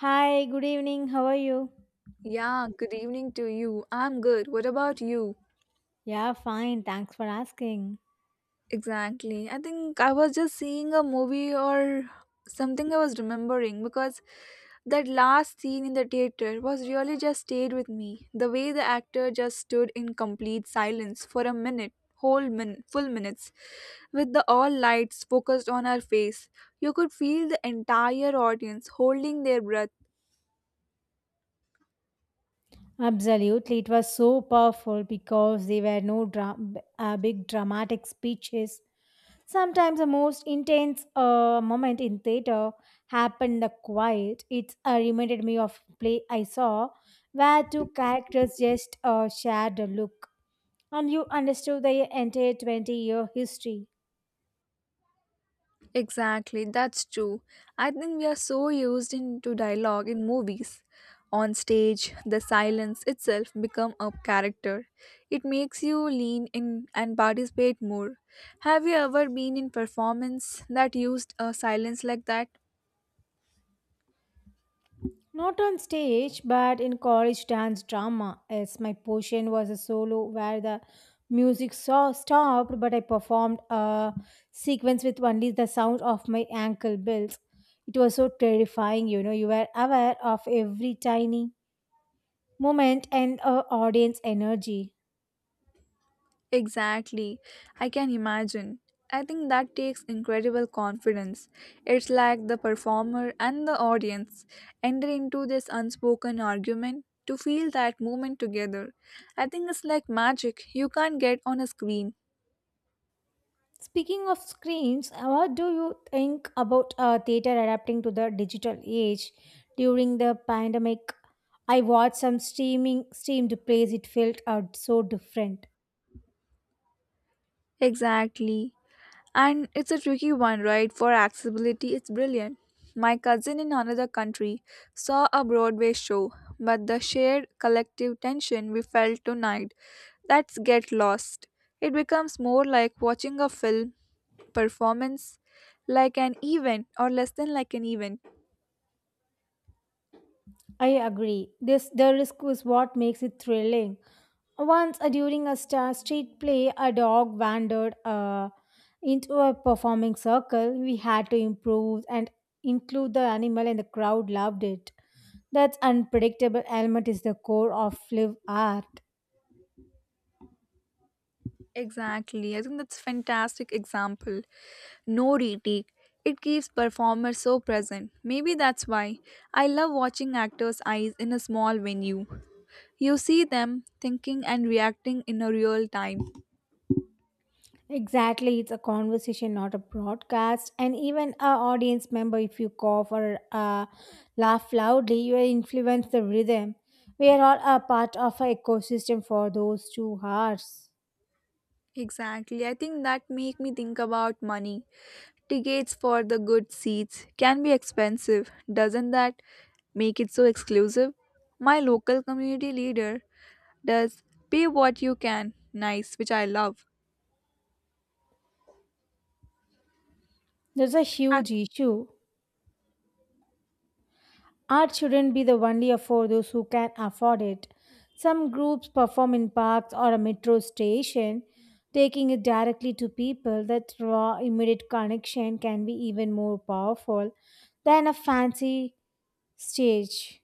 Hi, good evening. How are you? Yeah, good evening to you. I'm good. What about you? Yeah, fine. Thanks for asking. Exactly. I think I was just seeing a movie or something I was remembering because that last scene in the theater was really just stayed with me. The way the actor just stood in complete silence for a minute, whole min full minutes, with the all lights focused on her face. You could feel the entire audience holding their breath. Absolutely. It was so powerful because there were no big dramatic speeches. Sometimes the most intense moment in theater happened the quiet. It reminded me of play I saw where two characters just shared a look and you understood the entire 20-year history. Exactly, that's true. I think we are so used into dialogue in movies. On stage, the silence itself become a character. It makes you lean in and participate more. Have you ever been in performance that used a silence like that? Not on stage, but in college dance drama, as my portion was a solo where the music so stopped, but I performed a sequence with only the sound of my ankle bells. It was so terrifying, you know, you were aware of every tiny moment and audience energy. Exactly. I can imagine. I think that takes incredible confidence. It's like the performer and the audience enter into this unspoken argument to feel that moment together. I think it's like magic you can't get on a screen. Speaking of screens, what do you think about theater adapting to the digital age? During the pandemic, I watched some streaming streamed plays. It felt out so different. Exactly. And it's a tricky one, right? For accessibility, it's brilliant. My cousin in another country saw a Broadway show, but the shared collective tension we felt tonight, that's get lost. It becomes more like watching a film performance, like an event, or less than like an event. I agree. This the risk is what makes it thrilling. Once during a star street play, a dog wandered into a performing circle. We had to improve and include the animal, and the crowd loved it. That's unpredictable element is the core of live art. Exactly. I think that's fantastic example no retake. It keeps performers so present. Maybe that's why I love watching actors' eyes in a small venue. You see them thinking and reacting in a real time. Exactly, it's a conversation, not a broadcast. And even a audience member, if you cough or laugh loudly, you influence the rhythm. We are all a part of an ecosystem for those two hearts. Exactly. I think that make me think about money. Tickets for the good seats can be expensive. Doesn't that make it so exclusive? My local community leader does pay what you can. Nice, which I love. There's a huge issue. Art shouldn't be the only for those who can afford it. Some groups perform in parks or a metro station, taking it directly to people. That raw, immediate connection can be even more powerful than a fancy stage.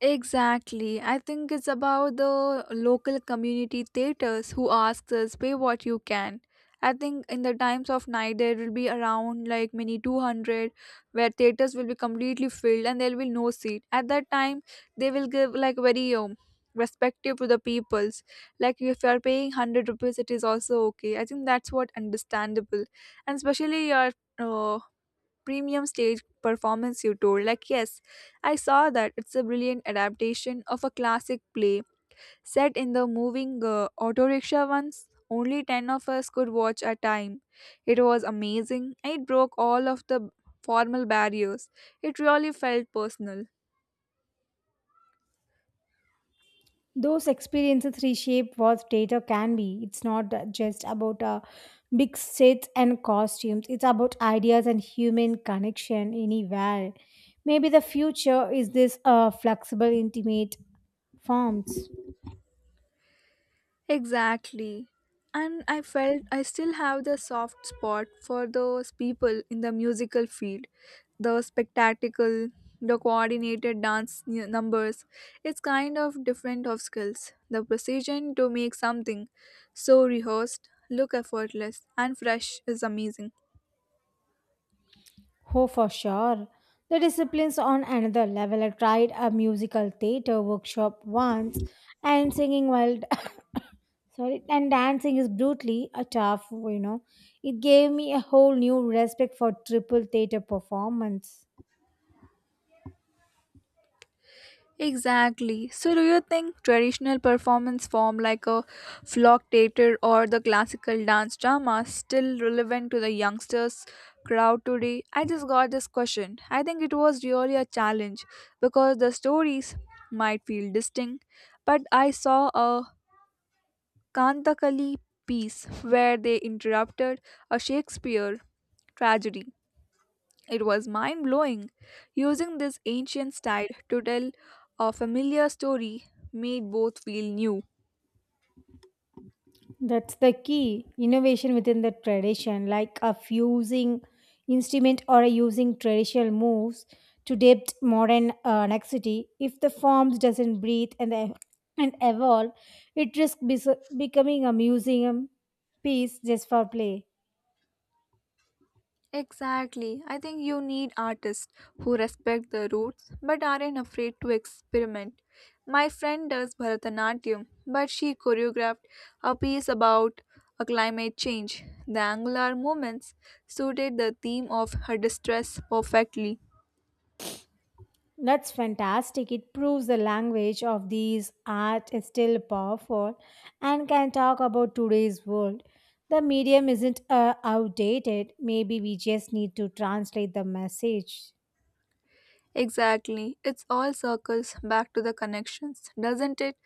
Exactly. I think it's about the local community theaters who asks us pay what you can. I think in the times of night there will be around like many 200 where theaters will be completely filled and there will be no seat. At that time they will give like very respective to the peoples. Like if you are paying 100 rupees it is also okay. I think that's what understandable. And especially your uh, premium stage performance you told like yes, I saw that. It's a brilliant adaptation of a classic play set in the moving auto rickshaw. Once only 10 of us could watch at a time. It was amazing. It broke all of the formal barriers. It really felt personal. Those experiences reshape what theatre can be. It's not just about big sets and costumes, it's about ideas and human connection anywhere. Maybe the future is this flexible, intimate forms. Exactly. And I felt I still have the soft spot for those people in the musical field. The spectacle, the coordinated numbers. It's kind of different of skills. The precision to make something so rehearsed, look effortless, and fresh is amazing. Oh, for sure. The discipline's on another level. I tried a musical theatre workshop once and dancing is brutally a tough, you know. It gave me a whole new respect for triple theater performance. Exactly. So, do you think traditional performance form like a flock theater or the classical dance drama still relevant to the youngsters crowd today? I just got this question. I think it was really a challenge because the stories might feel distinct, but I saw a Kantakali piece where they interrupted a Shakespeare tragedy. It was mind blowing. Using this ancient style to tell a familiar story made both feel new. That's the key innovation within the tradition, like a fusing instrument or a using traditional moves to depict modern necessity. If the forms doesn't breathe and evolve, it risks becoming a museum piece just for play. Exactly. I think you need artists who respect the roots but aren't afraid to experiment. My friend does Bharatanatyam, but she choreographed a piece about a climate change. The angular movements suited the theme of her distress perfectly. That's fantastic. It proves the language of these art is still powerful and can talk about today's world. The medium isn't outdated. Maybe we just need to translate the message. Exactly. It's all circles back to the connections, doesn't it?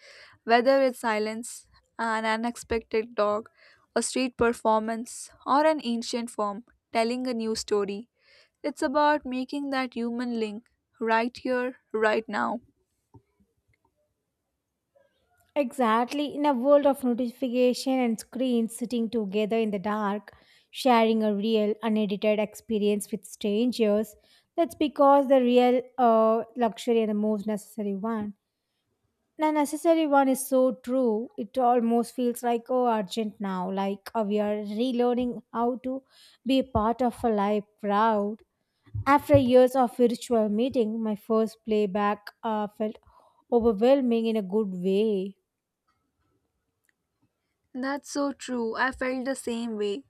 Whether it's silence, an unexpected dog, a street performance, or an ancient form telling a new story. It's about making that human link right here, right now. Exactly. In a world of notification and screens sitting together in the dark, sharing a real, unedited experience with strangers, that's because the real luxury and the most necessary one. The necessary one is so true. It almost feels like oh urgent now, like we are relearning how to be a part of a live crowd. After years of virtual meeting, my first playback felt overwhelming in a good way. That's so true. I felt the same way.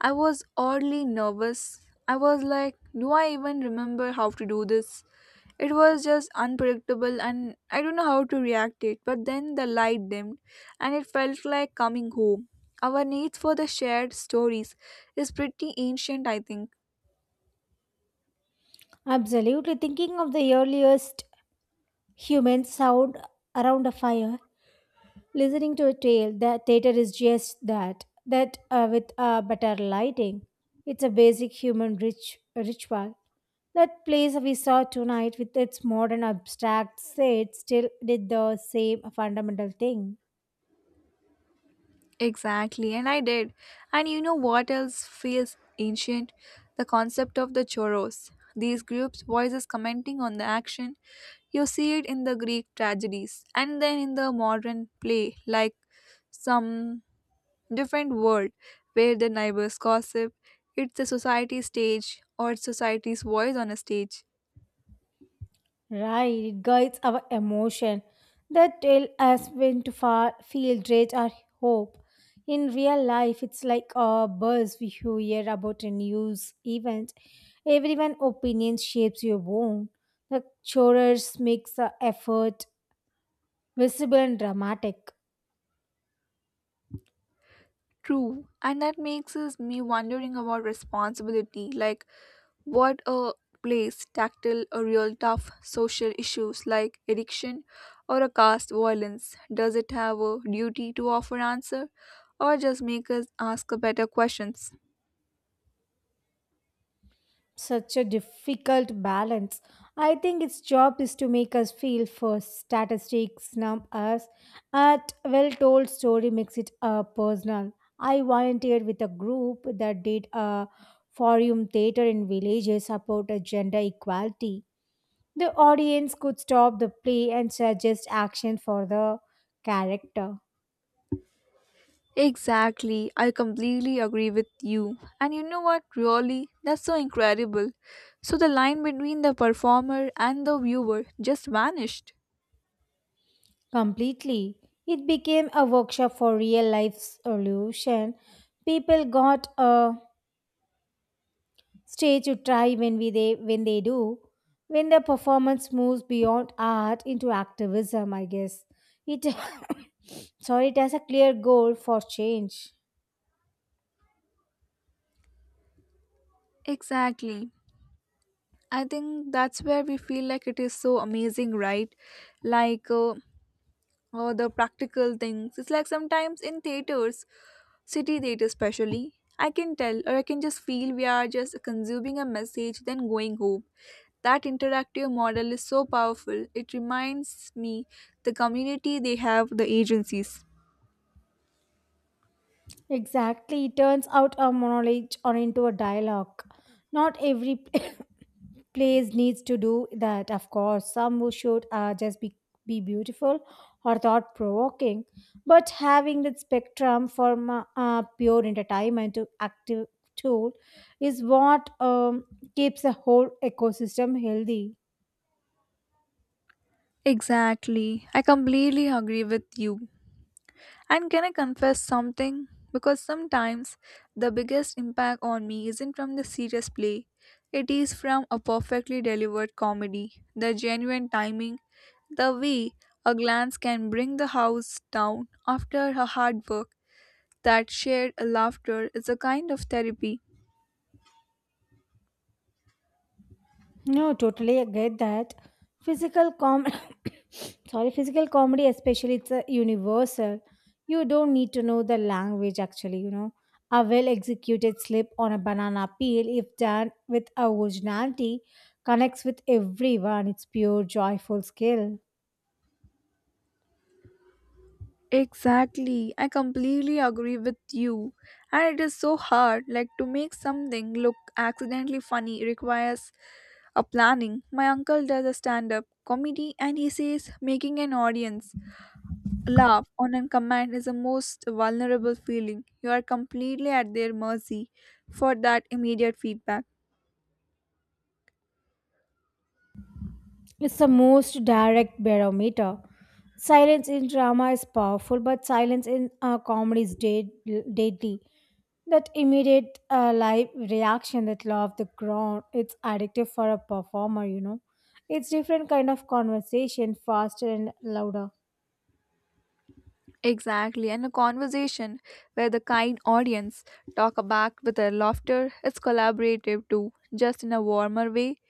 I was oddly nervous. I was like, do I even remember how to do this? It was just unpredictable and I don't know how to react it. But then the light dimmed and it felt like coming home. Our need for the shared stories is pretty ancient, I think. Absolutely, thinking of the earliest human sound around a fire listening to a tale, the theater is just that, that with better lighting. It's a basic ritual. That place we saw tonight with its modern abstract set still did the same fundamental thing. Exactly, and I did. And you know what else feels ancient? The concept of the choros. These groups' voices commenting on the action. You see it in the Greek tragedies and then in the modern play, like some different world where the neighbors gossip. It's a society stage or society's voice on a stage. Right, it guides our emotion that tell us when to feel rage or hope. In real life, it's like a buzz we hear about a news event. Everyone's opinion shapes your own. The chorus makes the effort visible and dramatic. True, and that makes us me wondering about responsibility. Like, what a place tackle a real tough social issues like addiction or a caste violence. Does it have a duty to offer answer or just make us ask better questions? Such a difficult balance. I think its job is to make us feel first. Statistics numb us, at well told story makes it personal. I volunteered with a group that did a forum theater in villages about gender equality. The audience could stop the play and suggest action for the character Exactly. I completely agree with you. And you know what? Really, that's so incredible. So the line between the performer and the viewer just vanished. completely. It became a workshop for real life solution people got a. Stage you try when they do, when the performance moves beyond art into activism, I guess. It sorry, it has a clear goal for change. Exactly. I think that's where we feel like it is so amazing, right? Like uh, or the practical things. It's like sometimes in theaters, city theater especially, I can tell or I can just feel we are just consuming a message then going home. That interactive model is so powerful. It reminds me the community they have, the agencies. Exactly. It turns out a monologue or into a dialogue. Not every place needs to do that, of course. Some who should be beautiful or thought provoking. But having that spectrum for pure entertainment to active tool is what keeps the whole ecosystem healthy. Exactly. I completely agree with you. And can I confess something? Because sometimes the biggest impact on me isn't from the serious play, it is from a perfectly delivered comedy, the genuine timing, the way a glance can bring the house down after her hard work. That shared laughter is a kind of therapy. No, totally I get that. Physical com sorry, Physical comedy especially it's a universal. You don't need to know the language actually, you know. A well executed slip on a banana peel, if done with originality, connects with everyone. It's pure joyful skill. Exactly. I completely agree with you. And it is so hard like to make something look accidentally funny requires a planning. My uncle does a stand-up comedy and he says making an audience laugh on a command is the most vulnerable feeling. You are completely at their mercy for that immediate feedback. It's the most direct barometer. Silence in drama is powerful, but silence in comedy is deadly. That immediate live reaction, that law of the ground, it's addictive for a performer, you know. It's different kind of conversation, faster and louder. Exactly. And a conversation where the kind audience talk back with their laughter is collaborative too, just in a warmer way.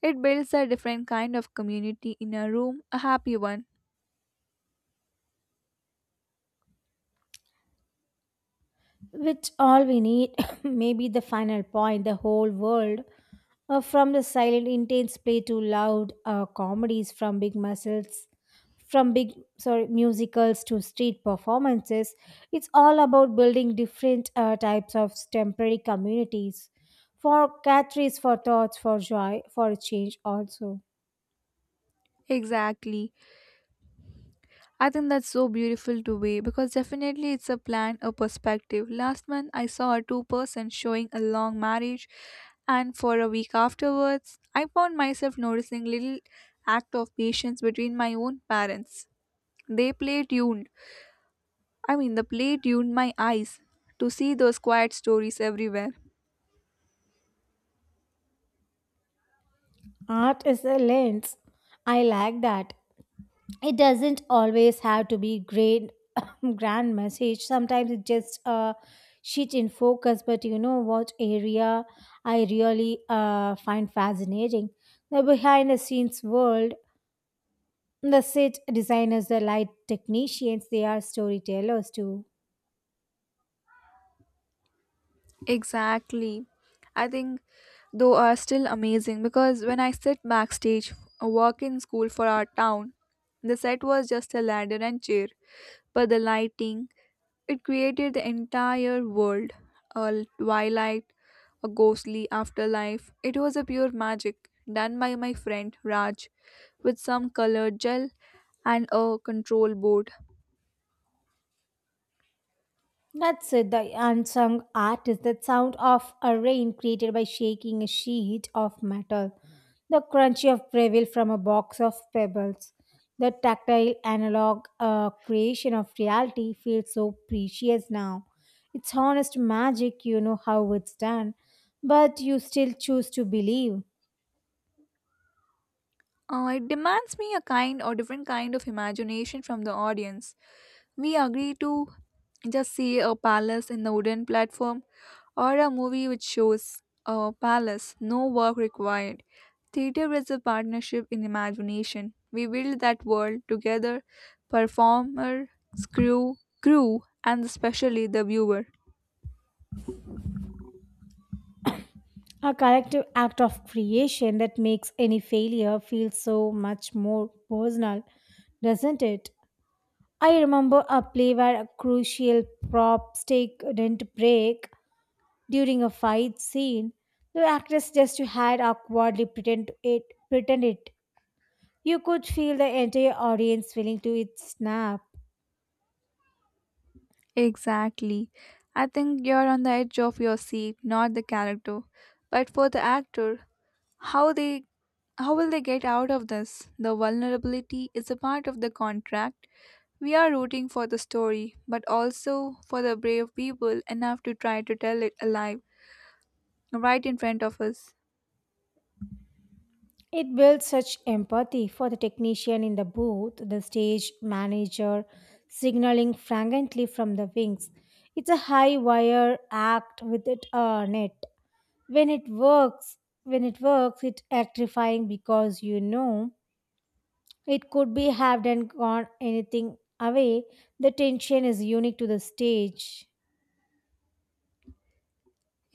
It builds a different kind of community in a room, a happy one. Which all we need may be the final point, the whole world. From the silent, intense play to loud comedies, from big sorry musicals to street performances, it's all about building different types of temporary communities for catries, for thoughts, for joy, for change. Also, Exactly. I think that's so beautiful to weigh because definitely it's a plan, a perspective. Last month I saw a two-person showing a long marriage, and for a week afterwards, I found myself noticing little act of patience between my own parents. They play tuned. I mean, the play tuned my eyes to see those quiet stories everywhere. art is a lens. I like that. It doesn't always have to be great grand message, sometimes it's just a sheet in focus. But you know what area I really find fascinating, the behind the scenes world, the set designers, the light technicians, they are storytellers too. Exactly. I think though are still amazing because when I sit backstage or work in school for our town, the set was just a ladder and chair, but the lighting, it created the entire world, a twilight, a ghostly afterlife. It was a pure magic done by my friend Raj with some colored gel and a control board. That's it, the unsung artist, that sound of a rain created by shaking a sheet of metal, the crunchy of gravel from a box of pebbles, the tactile analog creation of reality feels so precious now. It's honest magic, you know how it's done, but you still choose to believe. It demands me a kind or different kind of imagination from the audience. We agree to just see a palace in the wooden platform or a movie which shows a palace, no work required. Theater is a partnership in imagination. We build that world together, performer, crew, crew, and especially the viewer. A collective act of creation that makes any failure feel so much more personal, doesn't it? I remember a play where a crucial prop stake didn't break during a fight scene. The actress just had awkwardly pretend it. You could feel the entire audience feeling to it snap. Exactly. I think you're on the edge of your seat, not the character. But for the actor, how they how will they get out of this? The vulnerability is a part of the contract. We are rooting for the story, but also for the brave people enough to try to tell it alive, right in front of us. It built such empathy for the technician in the booth, the stage manager signaling fragrantly from the wings. It's a high wire act with it a net. When it works, when it works, it's electrifying because you know it could be halved and gone anything away. The tension is unique to the stage.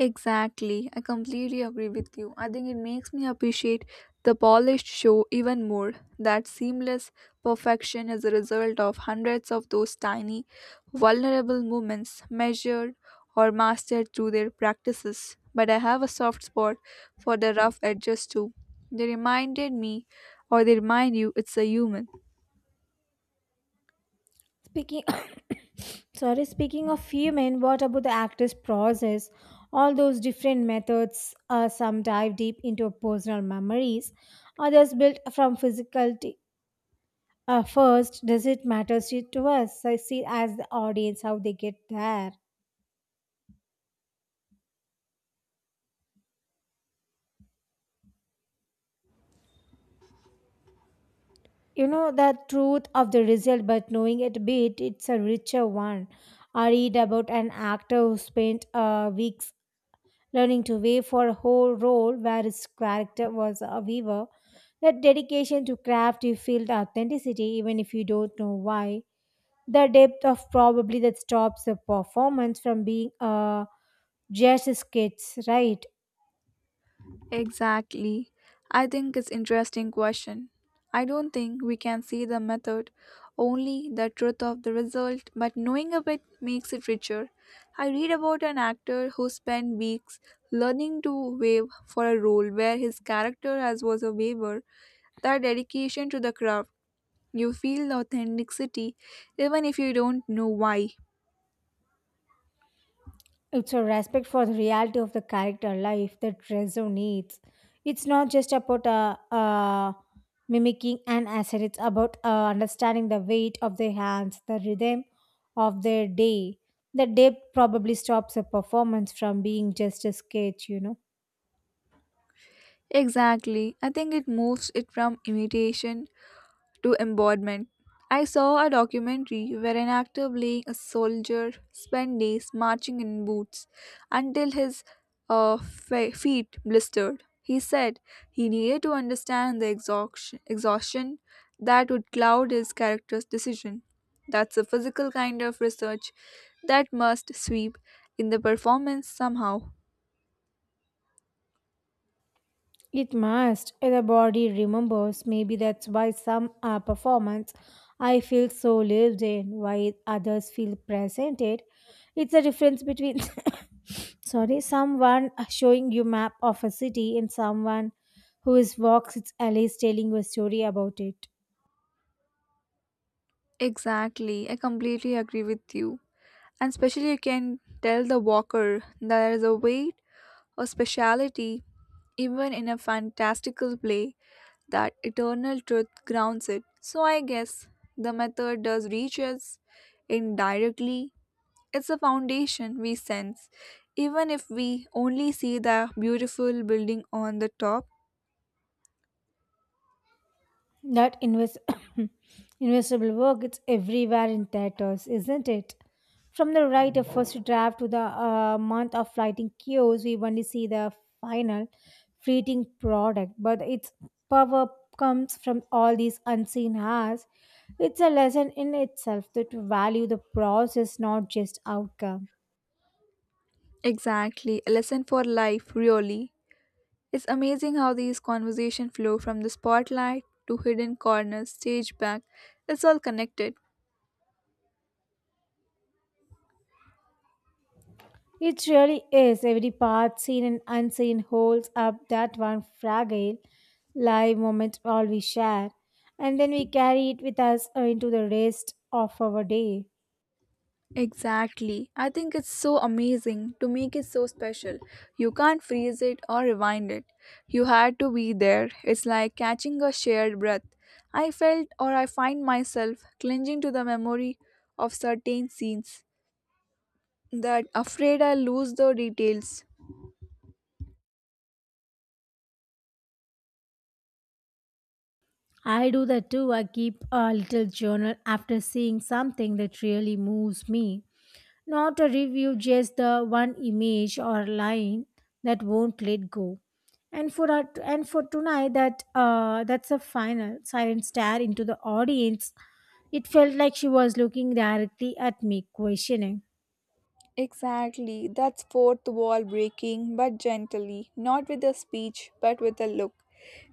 Exactly, I completely agree with you. I think it makes me appreciate the polished show even more. That seamless perfection is a result of hundreds of those tiny, vulnerable moments measured or mastered through their practices. But I have a soft spot for the rough edges too. They reminded me, or they remind you, it's a human. Speaking sorry, Speaking of human, what about the actor's process? All those different methods, some dive deep into personal memories, others built from first. Does it matter to us? I see as the audience how they get there. You know the truth of the result, but knowing it beat it's a richer one. I read about an actor who spent weeks learning to wave for a whole role where his character was a weaver. That dedication to craft, you feel the authenticity even if you don't know why. The depth of probably that stops the performance from being just skits, right. Exactly. I think it's interesting question. I don't think we can see the method, only the truth of the result, but knowing a bit makes it richer. I read about an actor who spent weeks learning to wave for a role where his character as was a waver. That dedication to the craft, you feel the authenticity even if you don't know why. It's a respect for the reality of the character life that Rezo needs. It's not just about mimicking an asset, it's about understanding the weight of their hands, the rhythm of their day. The depth probably stops a performance from being just a sketch, you know. Exactly. I think it moves it from imitation to embodiment. I saw a documentary where an actor playing a soldier spent days marching in boots until his feet blistered. He said he needed to understand the exhaustion that would cloud his character's decision. That's a physical kind of research that must sweep in the performance somehow. It must. The body remembers. Maybe that's why some performance I feel so lived in, while others feel presented. It's a difference between sorry, someone showing you map of a city and someone who is walks its alleys telling you a story about it. Exactly, I completely agree with you. And especially, you can tell the walker there is a way or speciality, even in a fantastical play, that eternal truth grounds it. So I guess the method does reach us indirectly. It's a foundation we sense, even if we only see the beautiful building on the top. That invest- investable work, it's everywhere in theaters, isn't it? From the right of first draft to the month of lighting cues, we only see the final fleeting product, but its power comes from all these unseen hours. It's a lesson in itself that to value the process, not just outcome. Exactly, a lesson for life, really. It's amazing how these conversations flow from the spotlight to hidden corners, stage back. It's all connected. It really is. Every part, seen and unseen, holds up that one fragile, live moment all we share, and then we carry it with us into the rest of our day. Exactly. I think it's so amazing to make it so special. You can't freeze it or rewind it. You had to be there. It's like catching a shared breath. I felt, or I find myself clinging to the memory of certain scenes that afraid I'll lose the details. I do that too. I keep a little journal after seeing something that really moves me. Not a review, just the one image or line that won't let go. And for tonight, that's a final silent stare into the audience. It felt like she was looking directly at me, questioning. Exactly, that's fourth wall breaking, but gently, not with a speech, but with a look.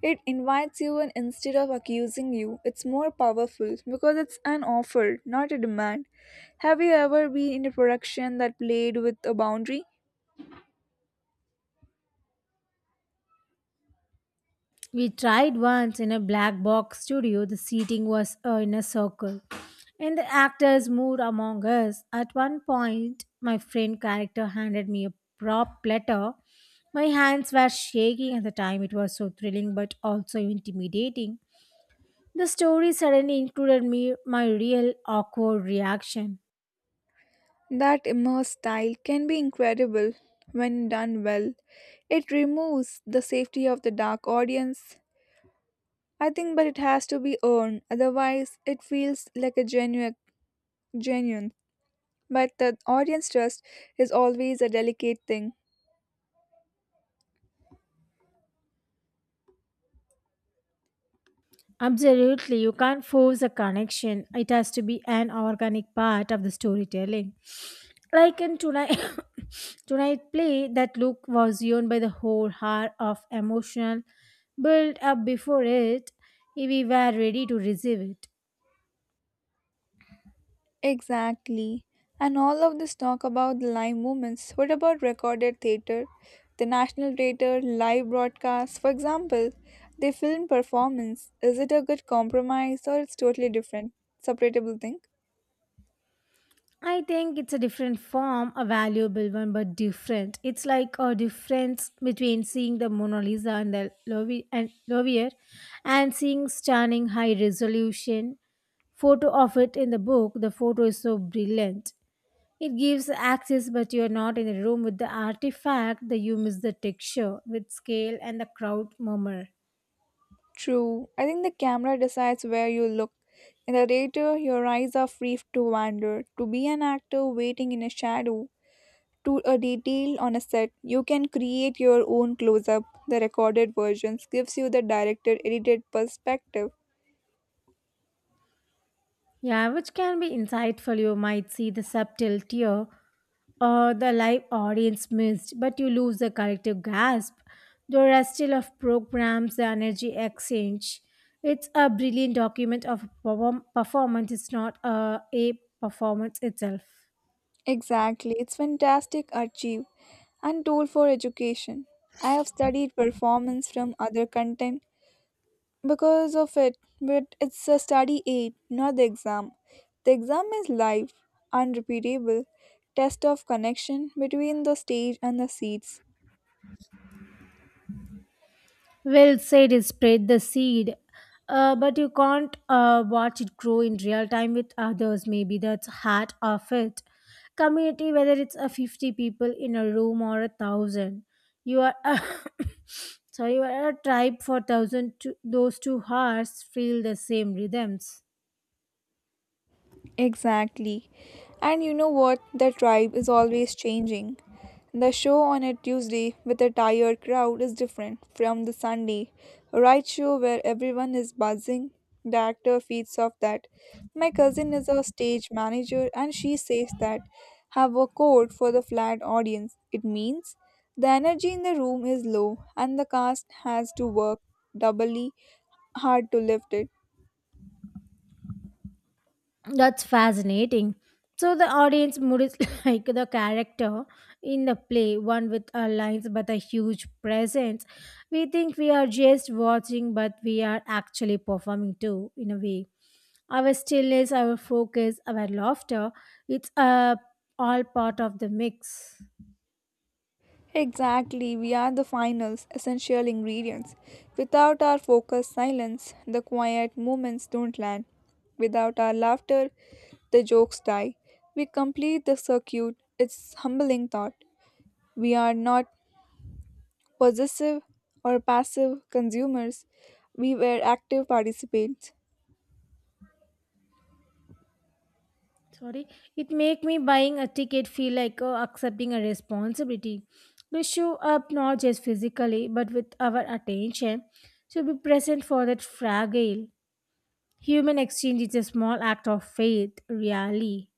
It invites you, and instead of accusing you, it's more powerful because it's an offer, not a demand. Have you ever been in a production that played with a boundary? We tried once in a black box studio. The seating was in a circle, and the actors moved among us. At one point, my friend character handed me a prop letter. My hands were shaking at the time. It was so thrilling but also intimidating. The story suddenly included me my real awkward reaction. That immerse style can be incredible when done well. It removes the safety of the dark audience. I think but it has to be earned, otherwise it feels like a genuine. But the audience trust is always a delicate thing. Absolutely, you can't force a connection. It has to be an organic part of the storytelling. Like in tonight, tonight play, that look was owned by the whole heart of emotional build up before it. We were ready to receive it. Exactly. And all of this talk about the live moments. What about recorded theatre? The National Theatre, live broadcasts, for example, they film performance. Is it a good compromise or it's totally different? Separatable thing? I think it's a different form, a valuable one, but different. It's like a difference between seeing the Mona Lisa and the Lovi- and Louvre and seeing stunning high resolution photo of it in the book. The photo is so brilliant. It gives access, but you're not in the room with the artifact, that you miss the texture with scale and the crowd murmur. True. I think the camera decides where you look. In the theatre, your eyes are free to wander, to be an actor waiting in a shadow to a detail on a set. You can create your own close up. The recorded versions gives you the director edited perspective. Yeah, which can be insightful. You might see the subtle tear or the live audience missed, but you lose the collective grasp. The rustle of programs, the energy exchange. It's a brilliant document of performance. It's not a performance itself. Exactly, it's fantastic archive and tool for education. I have studied performance from other content because of it, but it's a study aid, not the exam. The exam is live, unrepeatable test of connection between the stage and the seats. Well said, is spread the seed. But you can't watch it grow in real time with others. Maybe that's heart of it. Community, whether it's a 50 people in a room or a thousand, you are a sorry, you are a tribe for thousand. To, those two hearts feel the same rhythms. Exactly. And you know what? The tribe is always changing. The show on a Tuesday with a tired crowd is different from the Sunday right show where everyone is buzzing. The actor feeds off that. My cousin is a stage manager, and she says that have a code for the flat audience. It means the energy in the room is low and the cast has to work doubly hard to lift it. That's fascinating. So the audience mood is like the character in the play, one with a lines but a huge presence. We think we are just watching, but we are actually performing too, in a way. Our stillness, our focus, our laughter, it's all part of the mix. Exactly, we are the finals, essential ingredients. Without our focused silence, the quiet moments don't land. Without our laughter, the jokes die. We complete the circuit. It's humbling thought. We are not possessive or passive consumers. We were active participants. Sorry, it make me buying a ticket feel like accepting a responsibility to show up not just physically but with our attention to be present for that fragile human exchange is a small act of faith, really.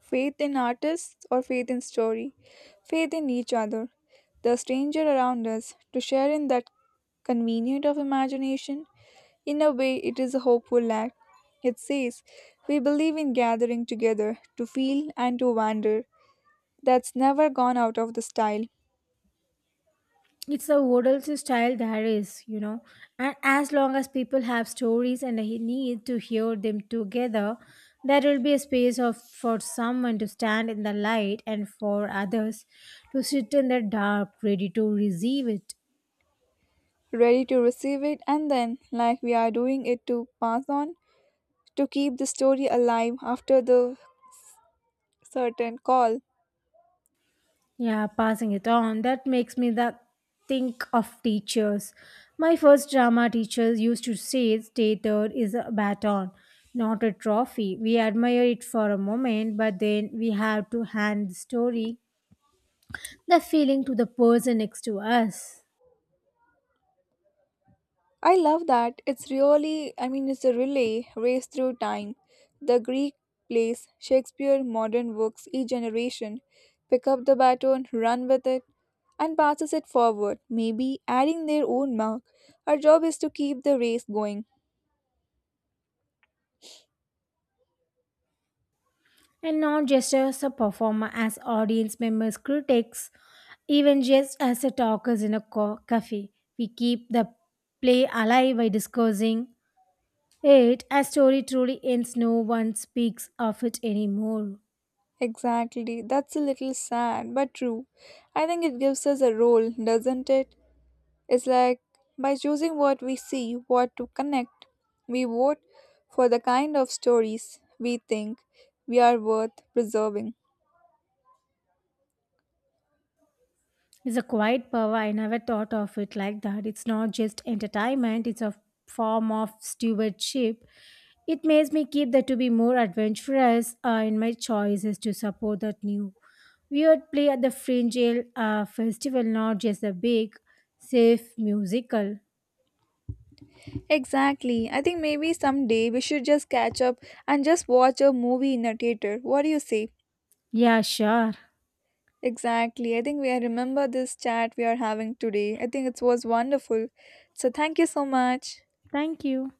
Faith in artists or faith in story. Faith in each other. The stranger around us to share in that convenient of imagination. In a way, it is a hopeful act. It says, we believe in gathering together to feel and to wander. That's never gone out of the style. It's a odals style there is, you know, and as long as people have stories and a need to hear them together, there will be a space of for someone to stand in the light and for others to sit in the dark ready to receive it. Ready to receive it, and then, like we are doing it, to pass on, to keep the story alive after the certain call. Yeah, passing it on, that makes me that think of teachers. My first drama teacher used to say theater is a baton, not a trophy. We admire it for a moment but then we have to hand the story, the feeling to the person next to us. I love that. It's really, I mean, it's a relay race through time. The Greek plays, Shakespeare, modern works, each generation pick up the baton, run with it, and passes it forward, maybe adding their own mark. Our job is to keep the race going. And not just as a performer, as audience members, critics, even just as a talkers in a cafe, we keep the play alive by discussing it. A story truly ends no one speaks of it anymore. Exactly. That's a little sad, but true. I think it gives us a role, doesn't it? It's like by choosing what we see, what to connect, we vote for the kind of stories we think we are worth preserving. It's a quiet power. I never thought of it like that. It's not just entertainment, it's a form of stewardship. It makes me keep that to be more adventurous in my choices to support that new weird play at the Fringe Ale, festival, not just the big, safe musical. Exactly. I think maybe someday we should just catch up and just watch a movie in a theater. What do you say? Yeah, sure. Exactly. I think we I remember this chat we are having today. I think it was wonderful. So thank you so much. Thank you.